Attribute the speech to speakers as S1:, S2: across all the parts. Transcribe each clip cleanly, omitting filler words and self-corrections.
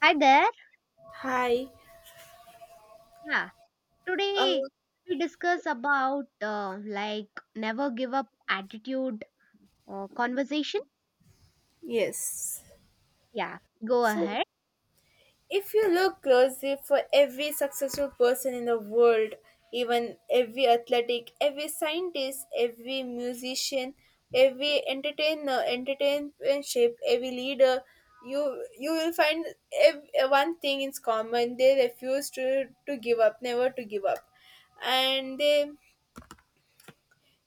S1: Hi there.
S2: Hi.
S1: Yeah,
S2: Uh,
S1: today we discuss about like never give up attitude conversation.
S2: yes.
S1: Yeah, go
S2: So,
S1: ahead.
S2: if you look closely for every successful person in the world, even every athletic, every scientist, every musician, every entertainer, entertainship, every leader, you will find ev- one thing in common. They refuse to give up, never to give up, and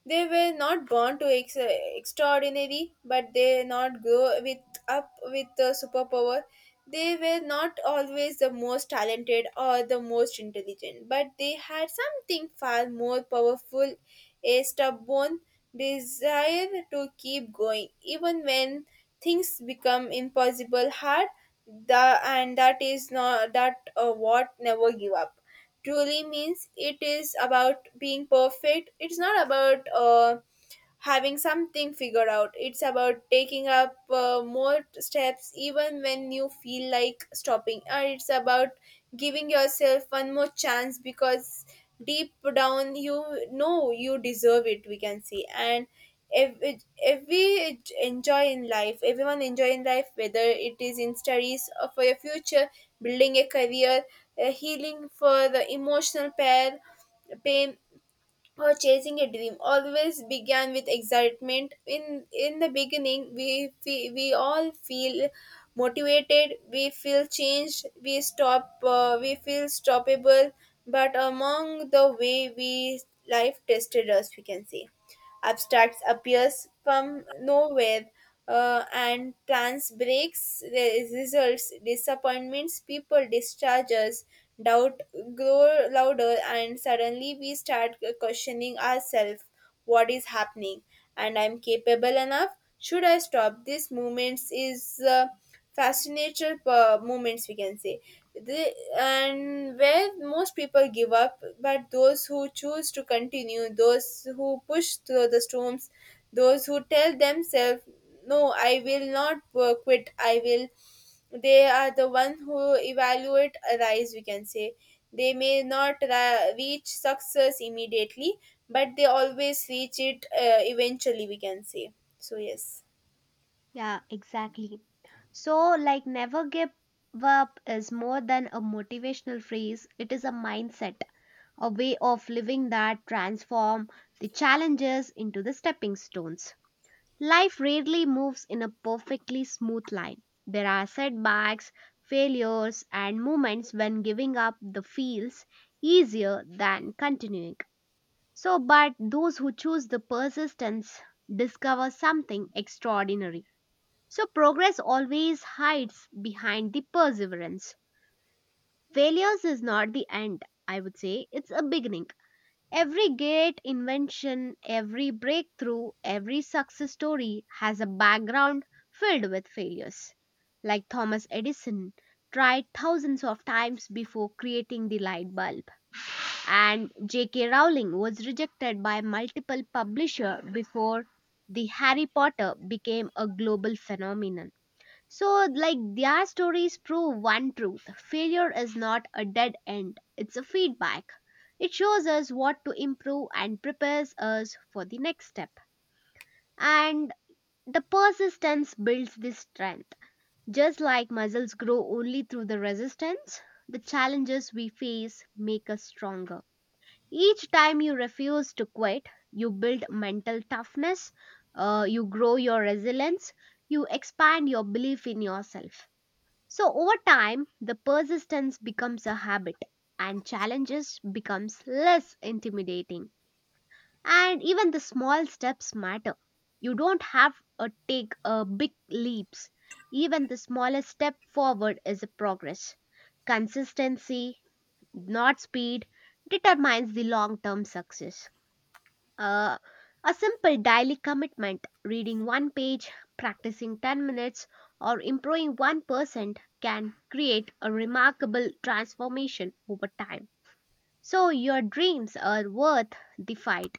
S2: they were not born to extraordinary, but they not grow with up with the superpower. They were not always the most talented or the most intelligent, but they had something far more powerful, a stubborn desire to keep going, even when things become impossible hard. And that is not that what never give up truly means it is about being perfect it's not about having something figured out. It's about taking up more steps even when you feel like stopping. Or it's about giving yourself one more chance because deep down you know you deserve it, we can see. And if we enjoy in life, everyone enjoy in life, whether it is in studies or for your future, building a career, healing for the emotional pain or chasing a dream always began with excitement in the beginning we all feel motivated we feel changed we stop we feel stoppable but among the way we life tested us we can say abstracts appears from nowhere and plans breaks results disappointments people discharges doubt grow louder and suddenly we start questioning ourselves what is happening and I'm capable enough should I stop these movements is fascinator moments we can say the, and where most people give up but those who choose to continue those who push through the storms those who tell themselves no I will not quit I will they are the one who evaluate arise we can say they may not reach success immediately but they always reach it eventually we can say so yes.
S1: Yeah, exactly. So, like, never give up is more than a motivational phrase, it is a mindset, a way of living that transform the challenges into the stepping stones. Life rarely moves in a perfectly smooth line. There are setbacks, failures, and moments when giving up the feels easier than continuing. So, but those who choose the persistence discover something extraordinary. So, progress always hides behind the perseverance. Failures is not the end, I would say, it's a beginning. Every great invention, every breakthrough, every success story has a background filled with failures. Like Thomas Edison tried thousands of times before creating the light bulb, and J.K. Rowling was rejected by multiple publishers before the Harry Potter became a global phenomenon. So, like their stories prove one truth failure is not a dead end, it's a feedback. It shows us what to improve and prepares us for the next step. And the persistence builds this strength. Just like muscles grow only through the resistance, the challenges we face make us stronger. Each time you refuse to quit, you build mental toughness, you grow your resilience, you expand your belief in yourself so over time, the persistence becomes a habit and challenges becomes less intimidating. And even the small steps matter. You don't have to take a big leaps. Even the smallest step forward is a progress. Consistency, not speed, determines the long-term success. Uh, a simple daily commitment, reading one page, practicing 10 minutes, or improving 1%, can create a remarkable transformation over time. So, your dreams are worth the fight.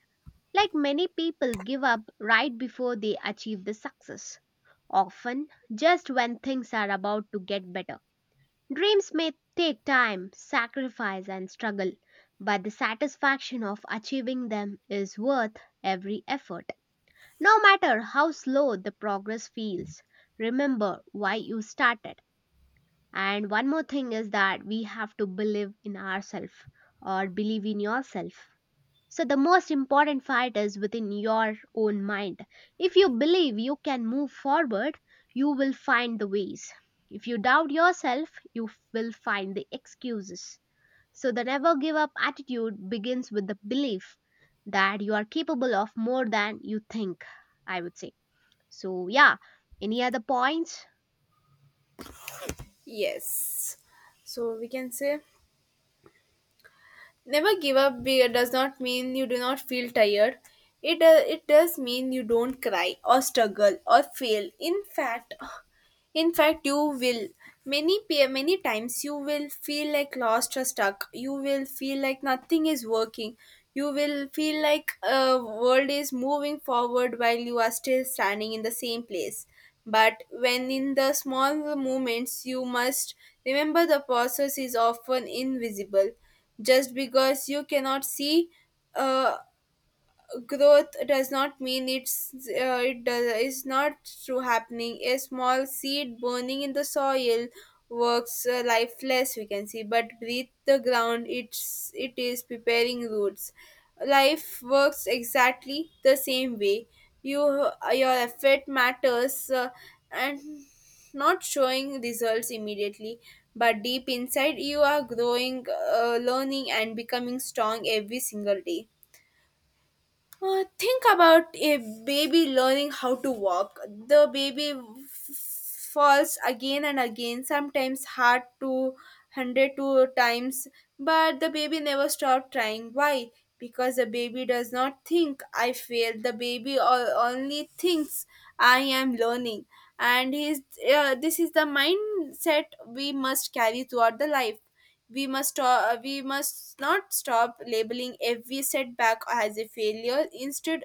S1: Like many people give up right before they achieve the success, often just when things are about to get better. Dreams may take time, sacrifice, and struggle, but the satisfaction of achieving them is worth every effort. No matter how slow the progress feels, remember why you started. And one more thing is that we have to believe in ourselves or believe in yourself. So, the most important fight is within your own mind. If you believe you can move forward, you will find the ways. If you doubt yourself, you will find the excuses. So, the never give up attitude begins with the belief that you are capable of more than you think, I would say. So, yeah, any other points?
S2: Yes. So we can say never give up does not mean you do not feel tired. It does mean you don't cry or struggle or fail. In fact, you will many times you will feel like lost or stuck. You will feel like nothing is working. You will feel like a world is moving forward while you are still standing in the same place. But when in the small moments, you must remember the process is often invisible. Just because you cannot see uh, growth does not mean it does is not true happening a small seed burning in the soil works lifeless we can see but breathe the ground it is preparing roots life works exactly the same way you your effort matters and not showing results immediately but deep inside you are growing learning and becoming strong every single day think about a baby learning how to walk. The baby falls again and again, sometimes hard to 100 times, but the baby never stops trying. Why? Because the baby does not think I failed. The baby only thinks I am learning. And his, this is the mindset we must carry throughout the life we must not stop labeling every setback as a failure. Instead,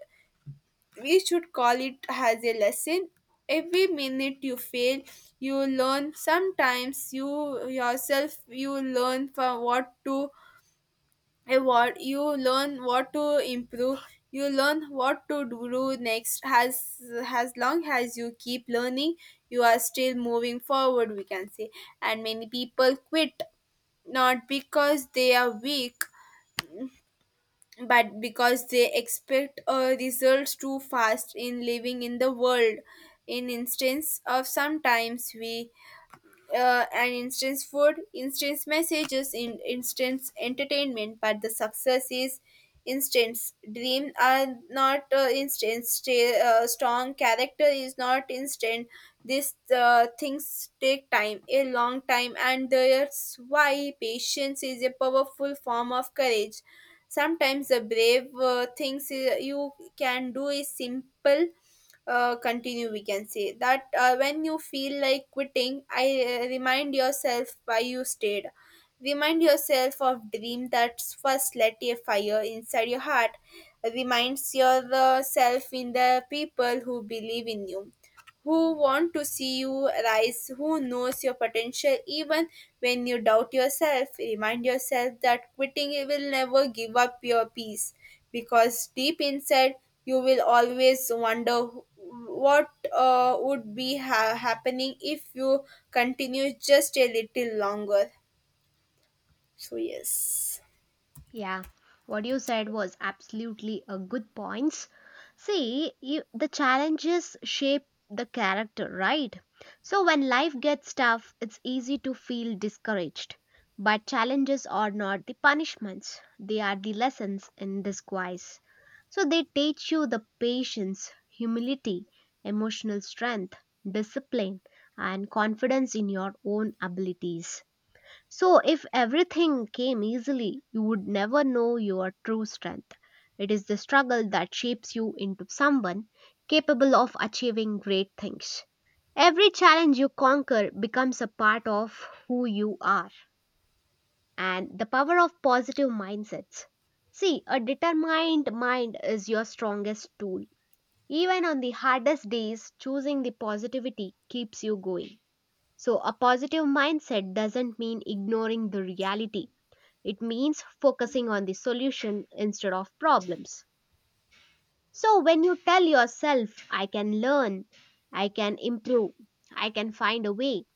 S2: we should call it as a lesson. Every minute you fail, you learn. Sometimes you learn from what to avoid. You learn what to improve. You learn what to do next. As long as you keep learning, you are still moving forward. We can say, and many people quit not because they are weak but because they expect results too fast in living in the world in instance of sometimes we and instant food, instant messages, in instant entertainment, but the success is instant. Dream are not instant. Strong character is not instant. These things take time, a long time, and that's why patience is a powerful form of courage. Sometimes the brave things you can do is simple continue we can say that when you feel like quitting I remind yourself why you stayed remind yourself of dream that first lit a fire inside your heart reminds yourself in the people who believe in you who want to see you rise, who knows your potential even when you doubt yourself. Remind yourself that quitting will never give up your peace because deep inside you will always wonder what would be happening if you continue just a little longer. So, yes,
S1: Yeah, what you said was absolutely a good points. See, you, the challenges shape the character, right? So, when life gets tough, it's easy to feel discouraged. But challenges are not the punishments, they are the lessons in disguise. So, they teach you the patience, humility, emotional strength, discipline, and confidence in your own abilities. So, if everything came easily, you would never know your true strength. It is the struggle that shapes you into someone capable of achieving great things. Every challenge you conquer becomes a part of who you are and the power of positive mindsets. See, a determined mind is your strongest tool. Even on the hardest days, choosing the positivity keeps you going. So, a positive mindset doesn't mean ignoring the reality. It means focusing on the solution instead of problems. So, when you tell yourself, I can learn, I can improve, I can find a way,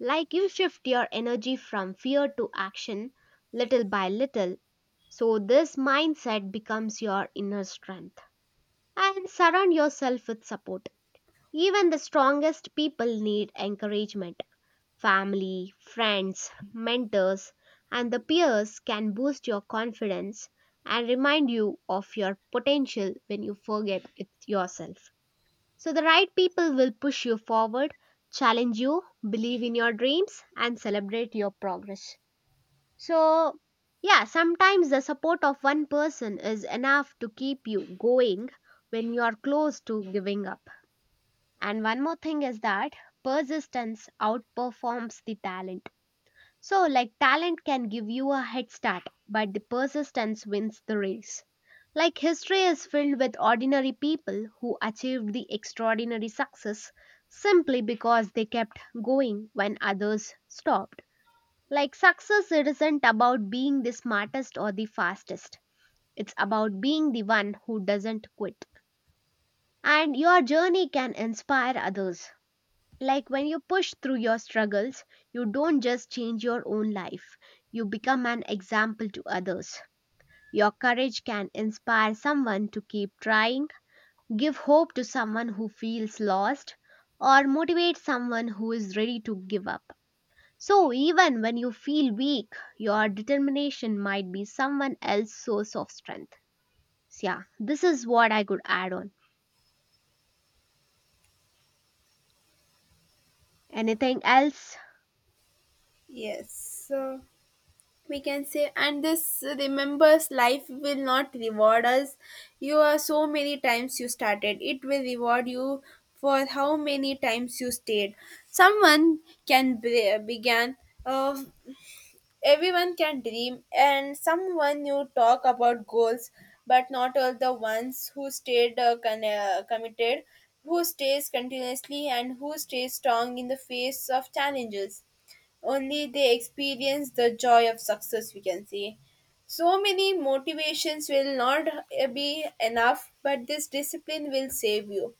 S1: like you shift your energy from fear to action little by little. So, this mindset becomes your inner strength. And surround yourself with support. Even the strongest people need encouragement. Family, friends, mentors, and the peers can boost your confidence and remind you of your potential when you forget it yourself. So, the right people will push you forward, challenge you, believe in your dreams, and celebrate your progress. So, yeah, sometimes the support of one person is enough to keep you going when you are close to giving up. And one more thing is that persistence outperforms the talent so, like talent can give you a head start, but the persistence wins the race. Like history is filled with ordinary people who achieved the extraordinary success simply because they kept going when others stopped. Like success it isn't about being the smartest or the fastest. It's about being the one who doesn't quit. And your journey can inspire others. Like when you push through your struggles, you don't just change your own life, you become an example to others. Your courage can inspire someone to keep trying, give hope to someone who feels lost, or motivate someone who is ready to give up. So, even when you feel weak, your determination might be someone else's source of strength. So, yeah, this is what I could add on. Anything else?
S2: yes. So we can say and this remembers life will not reward us you are so many times you started it will reward you for how many times you stayed someone can began uh, everyone can dream and someone you talk about goals but not all the ones who stayed committed who stays continuously and who stays strong in the face of challenges only they experience the joy of success we can see so many motivations will not be enough but this discipline will save you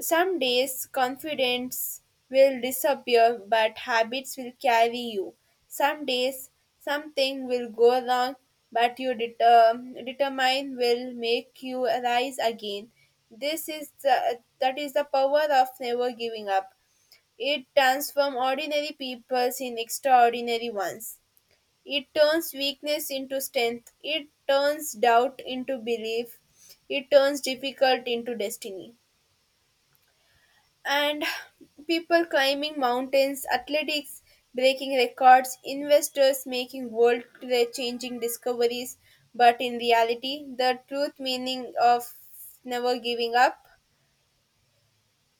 S2: some days confidence will disappear but habits will carry you some days something will go wrong but your determine will make you rise again that is the power of never giving up it transforms ordinary peoples in extraordinary ones. It turns weakness into strength. It turns doubt into belief. It turns difficult into destiny. And people climbing mountains, athletics breaking records, investors making world changing discoveries. But in reality, the truth meaning of never giving up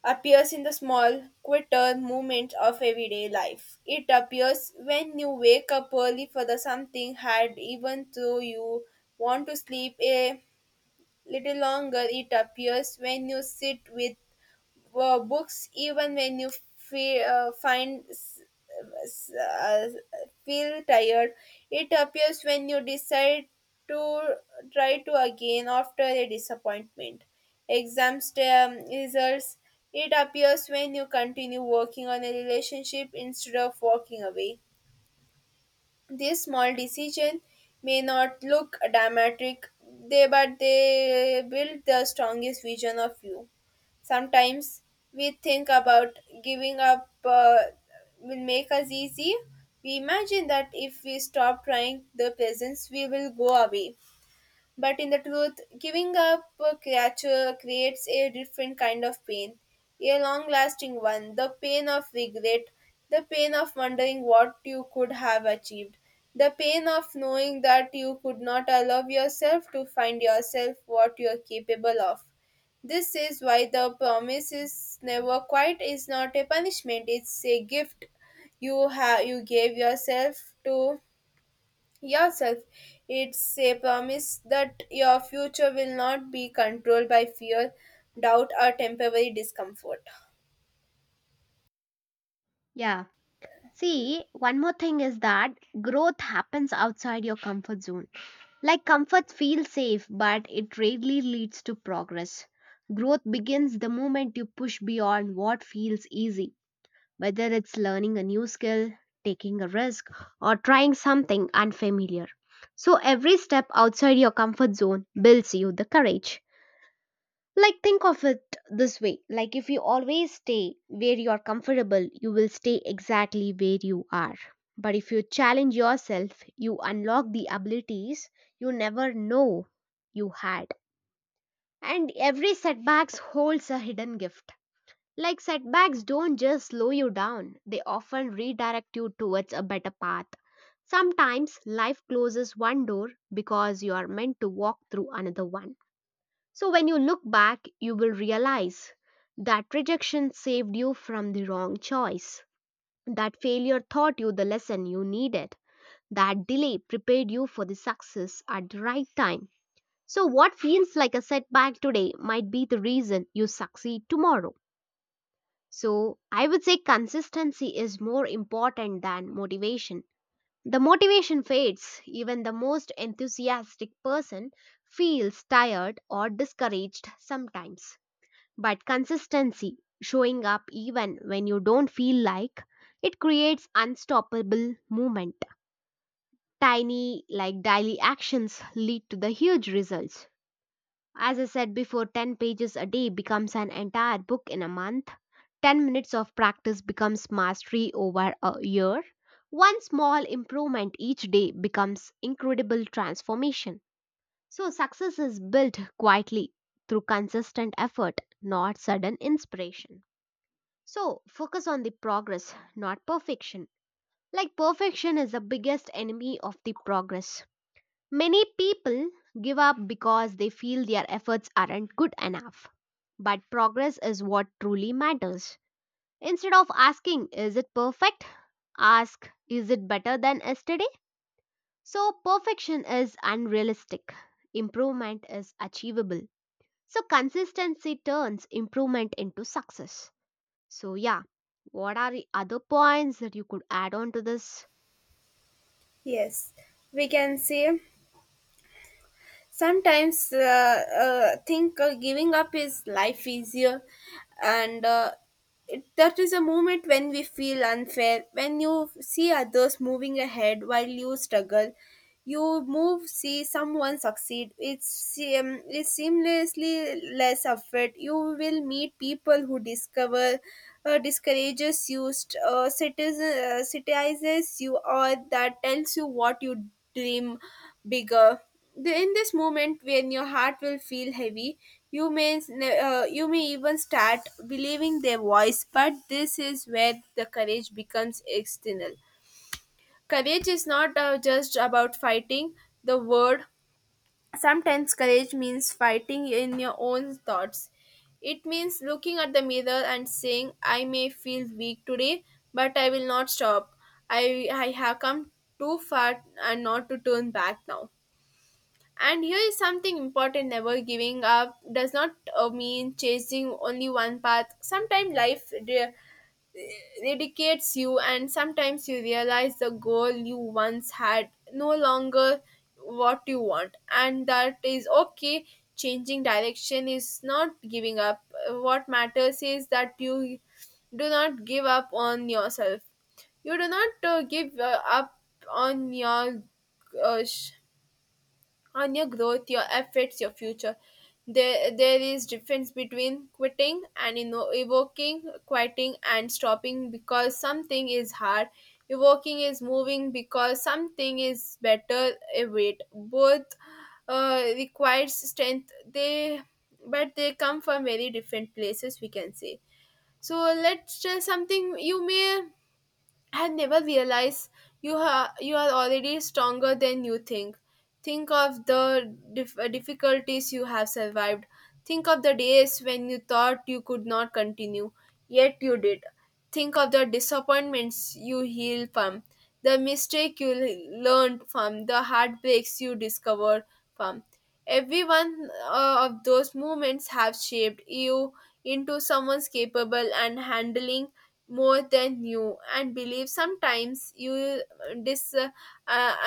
S2: appears in the small, quieter moments of everyday life. It appears when you wake up early for the something hard, even though you want to sleep a little longer. It appears when you sit with books even when you feel, find s- s- feel tired it appears when you decide to try to again after a disappointment exam results it appears when you continue working on a relationship instead of walking away these small decisions may not look dramatic, they but they build the strongest vision of you. Sometimes we think about giving up will make us easy. We imagine that if we stop trying, the presents we will go away. But in the truth, giving up a creature creates a different kind of pain, a long lasting one, the pain of regret, the pain of wondering what you could have achieved, the pain of knowing that you could not allow yourself to find yourself what you are capable of. This is why the promise is never quite is not a punishment, it's a gift you gave yourself to yourself. It's a promise that your future will not be controlled by fear, doubt, or temporary discomfort.
S1: Yeah. See, one more thing is that growth happens outside your comfort zone. Like comfort feels safe, but it rarely leads to progress. Growth begins the moment you push beyond what feels easy, whether it's learning a new skill, taking a risk, or trying something unfamiliar. So every step outside your comfort zone builds you the courage. Like, think of it this way like, if you always stay where you are comfortable, you will stay exactly where you are. But if you challenge yourself, you unlock the abilities you never know you had. And every setbacks holds a hidden gift. Like setbacks don't just slow you down, they often redirect you towards a better path. Sometimes life closes one door because you are meant to walk through another one. So when you look back, you will realize that rejection saved you from the wrong choice, that failure taught you the lesson you needed, that delay prepared you for the success at the right time. So, what feels like a setback today might be the reason you succeed tomorrow. So, I would say consistency is more important than motivation. The motivation fades, even the most enthusiastic person feels tired or discouraged sometimes. But consistency, showing up even when you don't feel like, it creates unstoppable movement. Tiny, like daily actions lead to the huge results. As I said before, 10 pages a day becomes an entire book in a month. 10 minutes of practice becomes mastery over a year. One small improvement each day becomes incredible transformation. So, success is built quietly through consistent effort, not sudden inspiration. So focus on the progress, not perfection. Like perfection is the biggest enemy of the progress. Many people give up because they feel their efforts aren't good enough. But progress is what truly matters. Instead of asking, is it perfect? Ask, is it better than yesterday? So perfection is unrealistic. Improvement is achievable. So consistency turns improvement into success. So, yeah, what are the other points that you could add on to this?
S2: Yes, we can say sometimes think giving up is life easier, and that is a moment when we feel unfair, when you see others moving ahead while you struggle, you move see someone succeed it's seamlessly less effort you will meet people who discover discourages you citizes you or that tells you what you dream bigger in this moment when your heart will feel heavy you may you may even start believing their voice but this is where the courage becomes external. Courage is not just about fighting the word. Sometimes courage means fighting in your own thoughts. It means looking at the mirror and saying, I may feel weak today, but I will not stop. I have come too far and not to turn back now. And here is something important never giving up does not mean chasing only one path. Sometimes life it dedicates you and sometimes you realize the goal you once had no longer what you want and that is okay changing direction is not giving up. What matters is that you do not give up on yourself you do not give up on your uh, on your growth, your efforts, your future. There is difference between quitting and you know evoking, quieting and stopping because something is hard. Evoking is moving because something is better. Wait, both requires strength. But they come from very different places. We can say. So let's tell something you may and never realize you are already stronger than you think. Think of the difficulties you have survived. Think of the days when you thought you could not continue, yet you did. Think of the disappointments you healed from, the mistake you learned from, the heartbreaks you discovered from. Every one of those moments have shaped you into someone capable and handling more than you and believe. Sometimes you dis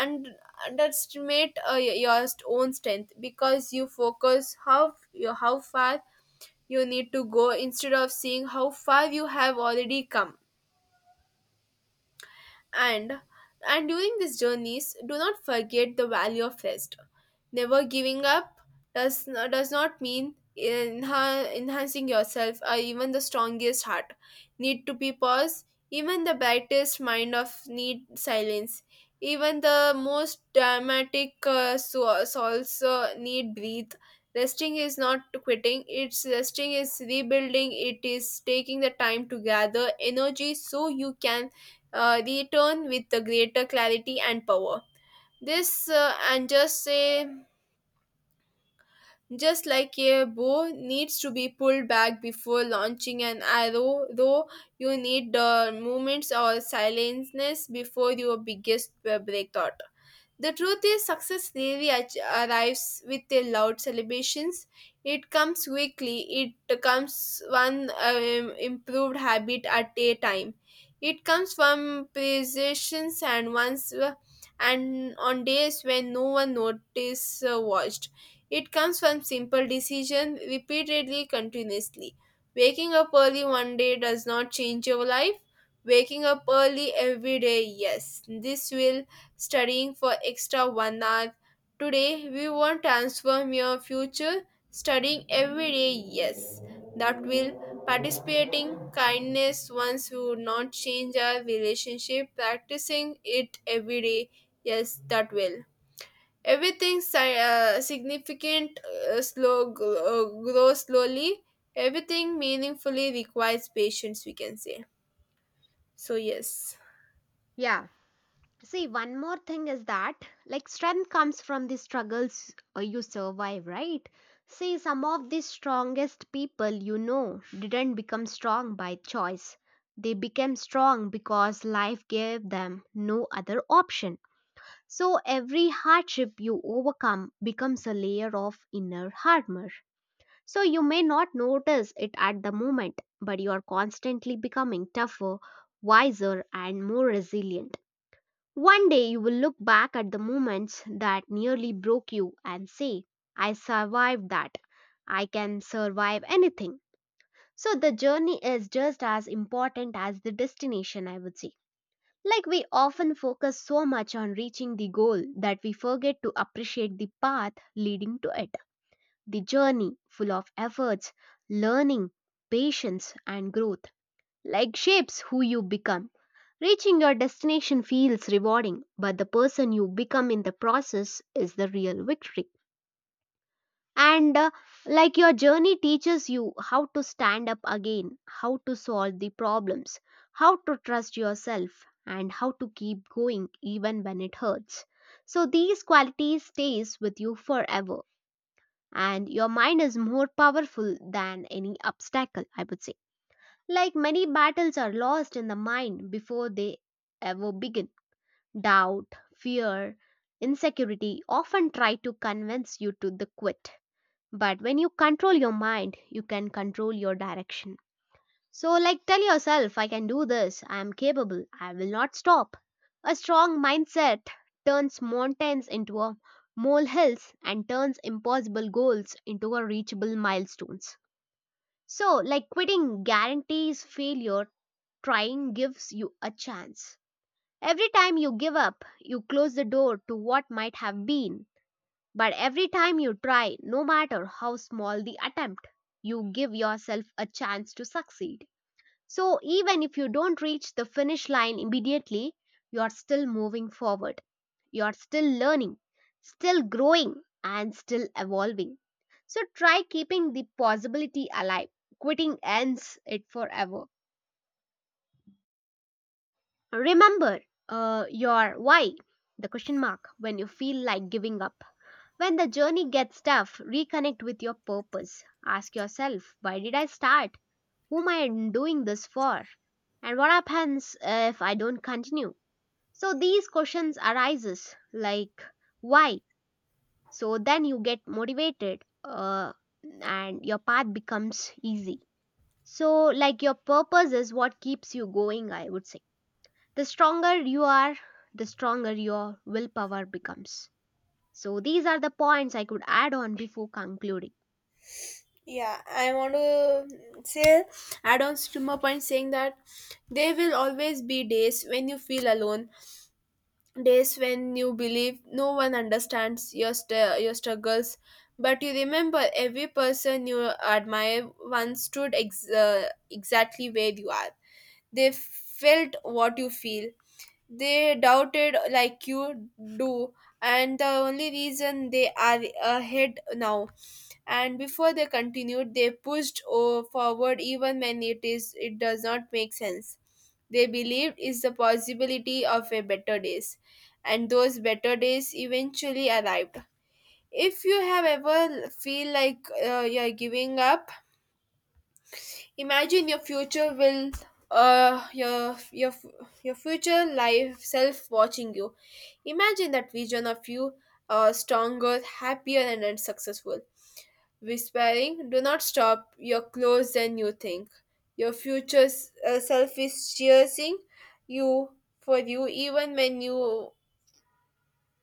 S2: and underestimate your own strength because you focus how you how far you need to go instead of seeing how far you have already come. And and during these journeys, do not forget the value of rest. Never giving up does not mean enhancing yourself, or even the strongest heart need to be paused. Even the brightest mind of need silence. Even the most dramatic souls need breathe. Resting is not quitting, it's resting is rebuilding. It is taking the time to gather energy so you can return with the greater clarity and power. This and just say, just like a bow needs to be pulled back before launching an arrow, though you need the moments or silentness before your biggest breakthrough. The truth is, success rarely arrives with a loud celebrations. It comes quickly. It comes one improved habit at a time. It comes from precisions, and once and on days when no one notice watched. It comes from simple decision repeatedly, continuously. Waking up early one day does not change your life. Waking up early every day, yes, this will. Studying for extra 1 hour today, we won't transform your future. Studying every day, yes, that will. Participating kindness once you not change our relationship, practicing it every day, yes, that will. Everything significant grows slowly. Everything meaningfully requires patience, we can say. So, yes.
S1: Yeah, see, one more thing is that, like, strength comes from the struggles you survive, right? See, some of the strongest people you know didn't become strong by choice. They became strong because life gave them no other option. So, every hardship you overcome becomes a layer of inner armor. So you may not notice it at the moment, but you are constantly becoming tougher, wiser, and more resilient. One day you will look back at the moments that nearly broke you and say, I survived that. I can survive anything. So the journey is just as important as the destination, I would say. Like we often focus so much on reaching the goal that we forget to appreciate the path leading to it. The journey, full of efforts, learning, patience, and growth, like shapes who you become. Reaching your destination feels rewarding, but the person you become in the process is the real victory. And like your journey teaches you how to stand up again, how to solve the problems, how to trust yourself, and how to keep going even when it hurts. So these qualities stays with you forever and your mind is more powerful than any obstacle, I would say. Like many battles are lost in the mind before they ever begin. Doubt, fear, insecurity often try to convince you to the quit. But when you control your mind, you can control your direction. So, like, tell yourself, I can do this, I am capable, I will not stop. A strong mindset turns mountains into a molehills and turns impossible goals into a reachable milestones. So, like, quitting guarantees failure, trying gives you a chance. Every time you give up, you close the door to what might have been. But every time you try, no matter how small the attempt, you give yourself a chance to succeed. So even if you don't reach the finish line immediately, you are still moving forward. You are still learning, still growing, and still evolving. So try keeping the possibility alive. Quitting ends it forever. Remember your why, the question mark, when you feel like giving up. When the journey gets tough, reconnect with your purpose. Ask yourself, why did I start? Whom I am doing this for? And what happens if I don't continue? So these questions arises like why? So then you get motivated and your path becomes easy. So like your purpose is what keeps you going, I would say. The stronger you are, the stronger your willpower becomes. So these are the points I could add on before concluding.
S2: Yeah, I want to say, add on to my point saying that there will always be days when you feel alone, days when you believe no one understands your your struggles. But you remember every person you admire once stood exactly where you are. They felt what you feel. They doubted like you do, and the only reason they are ahead now and before they continued, they pushed forward even when it is it does not make sense. They believed is the possibility of a better days, and those better days eventually arrived. If you have ever feel like you're giving up, imagine your future will uh your your your future life self watching you. Imagine that vision of you, stronger, happier, and successful, whispering, do not stop, you're closer than you think. Your future self is cheering you for you, even when you,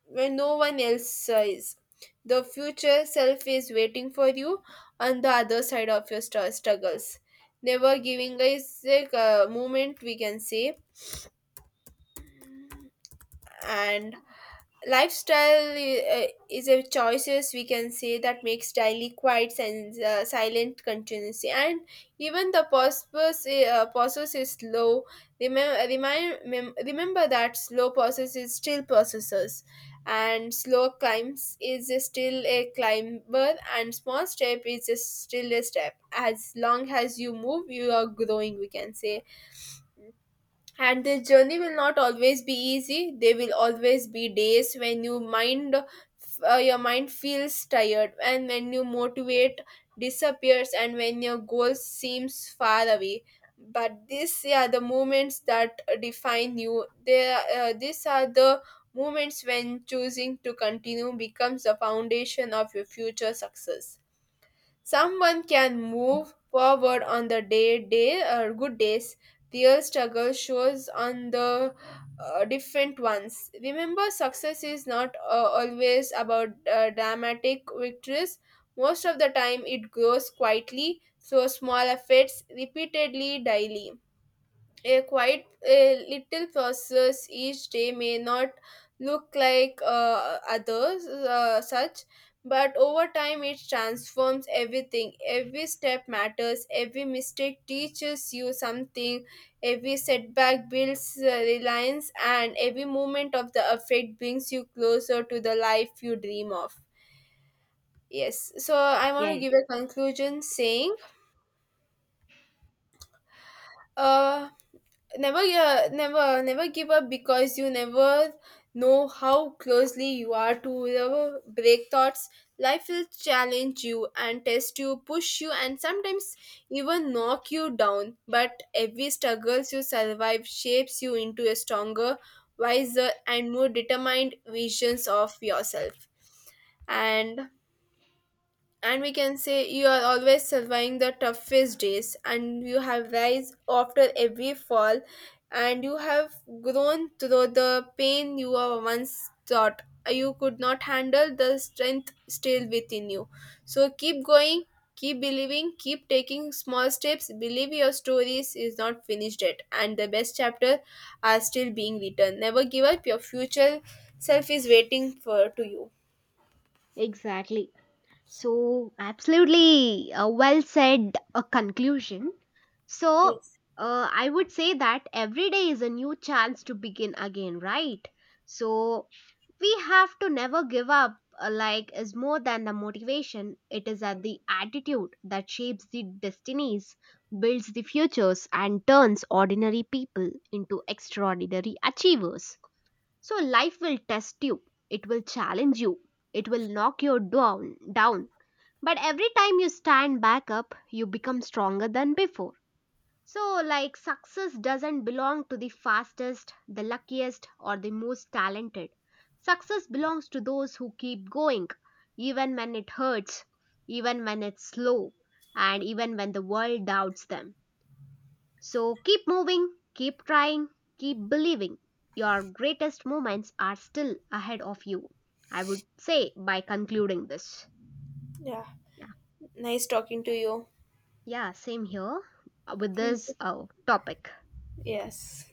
S2: when no one else is. The future self is waiting for you on the other side of your struggles. Never giving is a moment, we can say, and lifestyle is a choices, we can say, that makes daily quiet and silent continuously. And even the process process is slow, remember remember that slow process is still processes, and slow climbs is still a climber, and small step is still a step. As long as you move, you are growing, we can say. And this journey will not always be easy. There will always be days when you mind, your mind feels tired, and when your motivate disappears, and when your goal seems far away. But these are the moments that define you. These are the moments when choosing to continue becomes the foundation of your future success. Someone can move forward on the day or good days. Their struggle shows on the different ones. Remember, success is not always about dramatic victories. Most of the time, it grows quietly, so small efforts repeatedly daily, a quite a little process each day may not look like others such. But over time it transforms everything. Every step matters, every mistake teaches you something, every setback builds reliance, and every moment of the effect brings you closer to the life you dream of. Yes, so I want to
S1: Yes,
S2: give a conclusion saying, uh, never never give up, because you never know how closely you are to the break thoughts. Life will challenge you and test you, push you, and sometimes even knock you down. But every struggles you survive shapes you into a stronger, wiser and more determined visions of yourself. And and we can say, you are always surviving the toughest days, and you have rise after every fall, and you have grown through the pain you were once thought you could not handle. The strength still within you, so keep going, keep believing, keep taking small steps. Believe your stories is not finished yet, and the best chapter are still being written. Never give up. Your future self is waiting for to you.
S1: exactly. So, absolutely a well said a conclusion. So,
S2: Yes.
S1: I would say that every day is a new chance to begin again, right? So, we have to never give up, like, is more than the motivation. It is at the attitude that shapes the destinies, builds the futures, and turns ordinary people into extraordinary achievers. So, life will test you, it will challenge you, it will knock you down, but every time you stand back up, you become stronger than before. So, like, success doesn't belong to the fastest, the luckiest, or the most talented. Success belongs to those who keep going, even when it hurts, even when it's slow, and even when the world doubts them. So, keep moving, keep trying, keep believing. Your greatest moments are still ahead of you. I would say by concluding this.
S2: Yeah, nice talking to you.
S1: Yeah, same here with
S2: Thank
S1: this
S2: you.
S1: topic.
S2: Yes.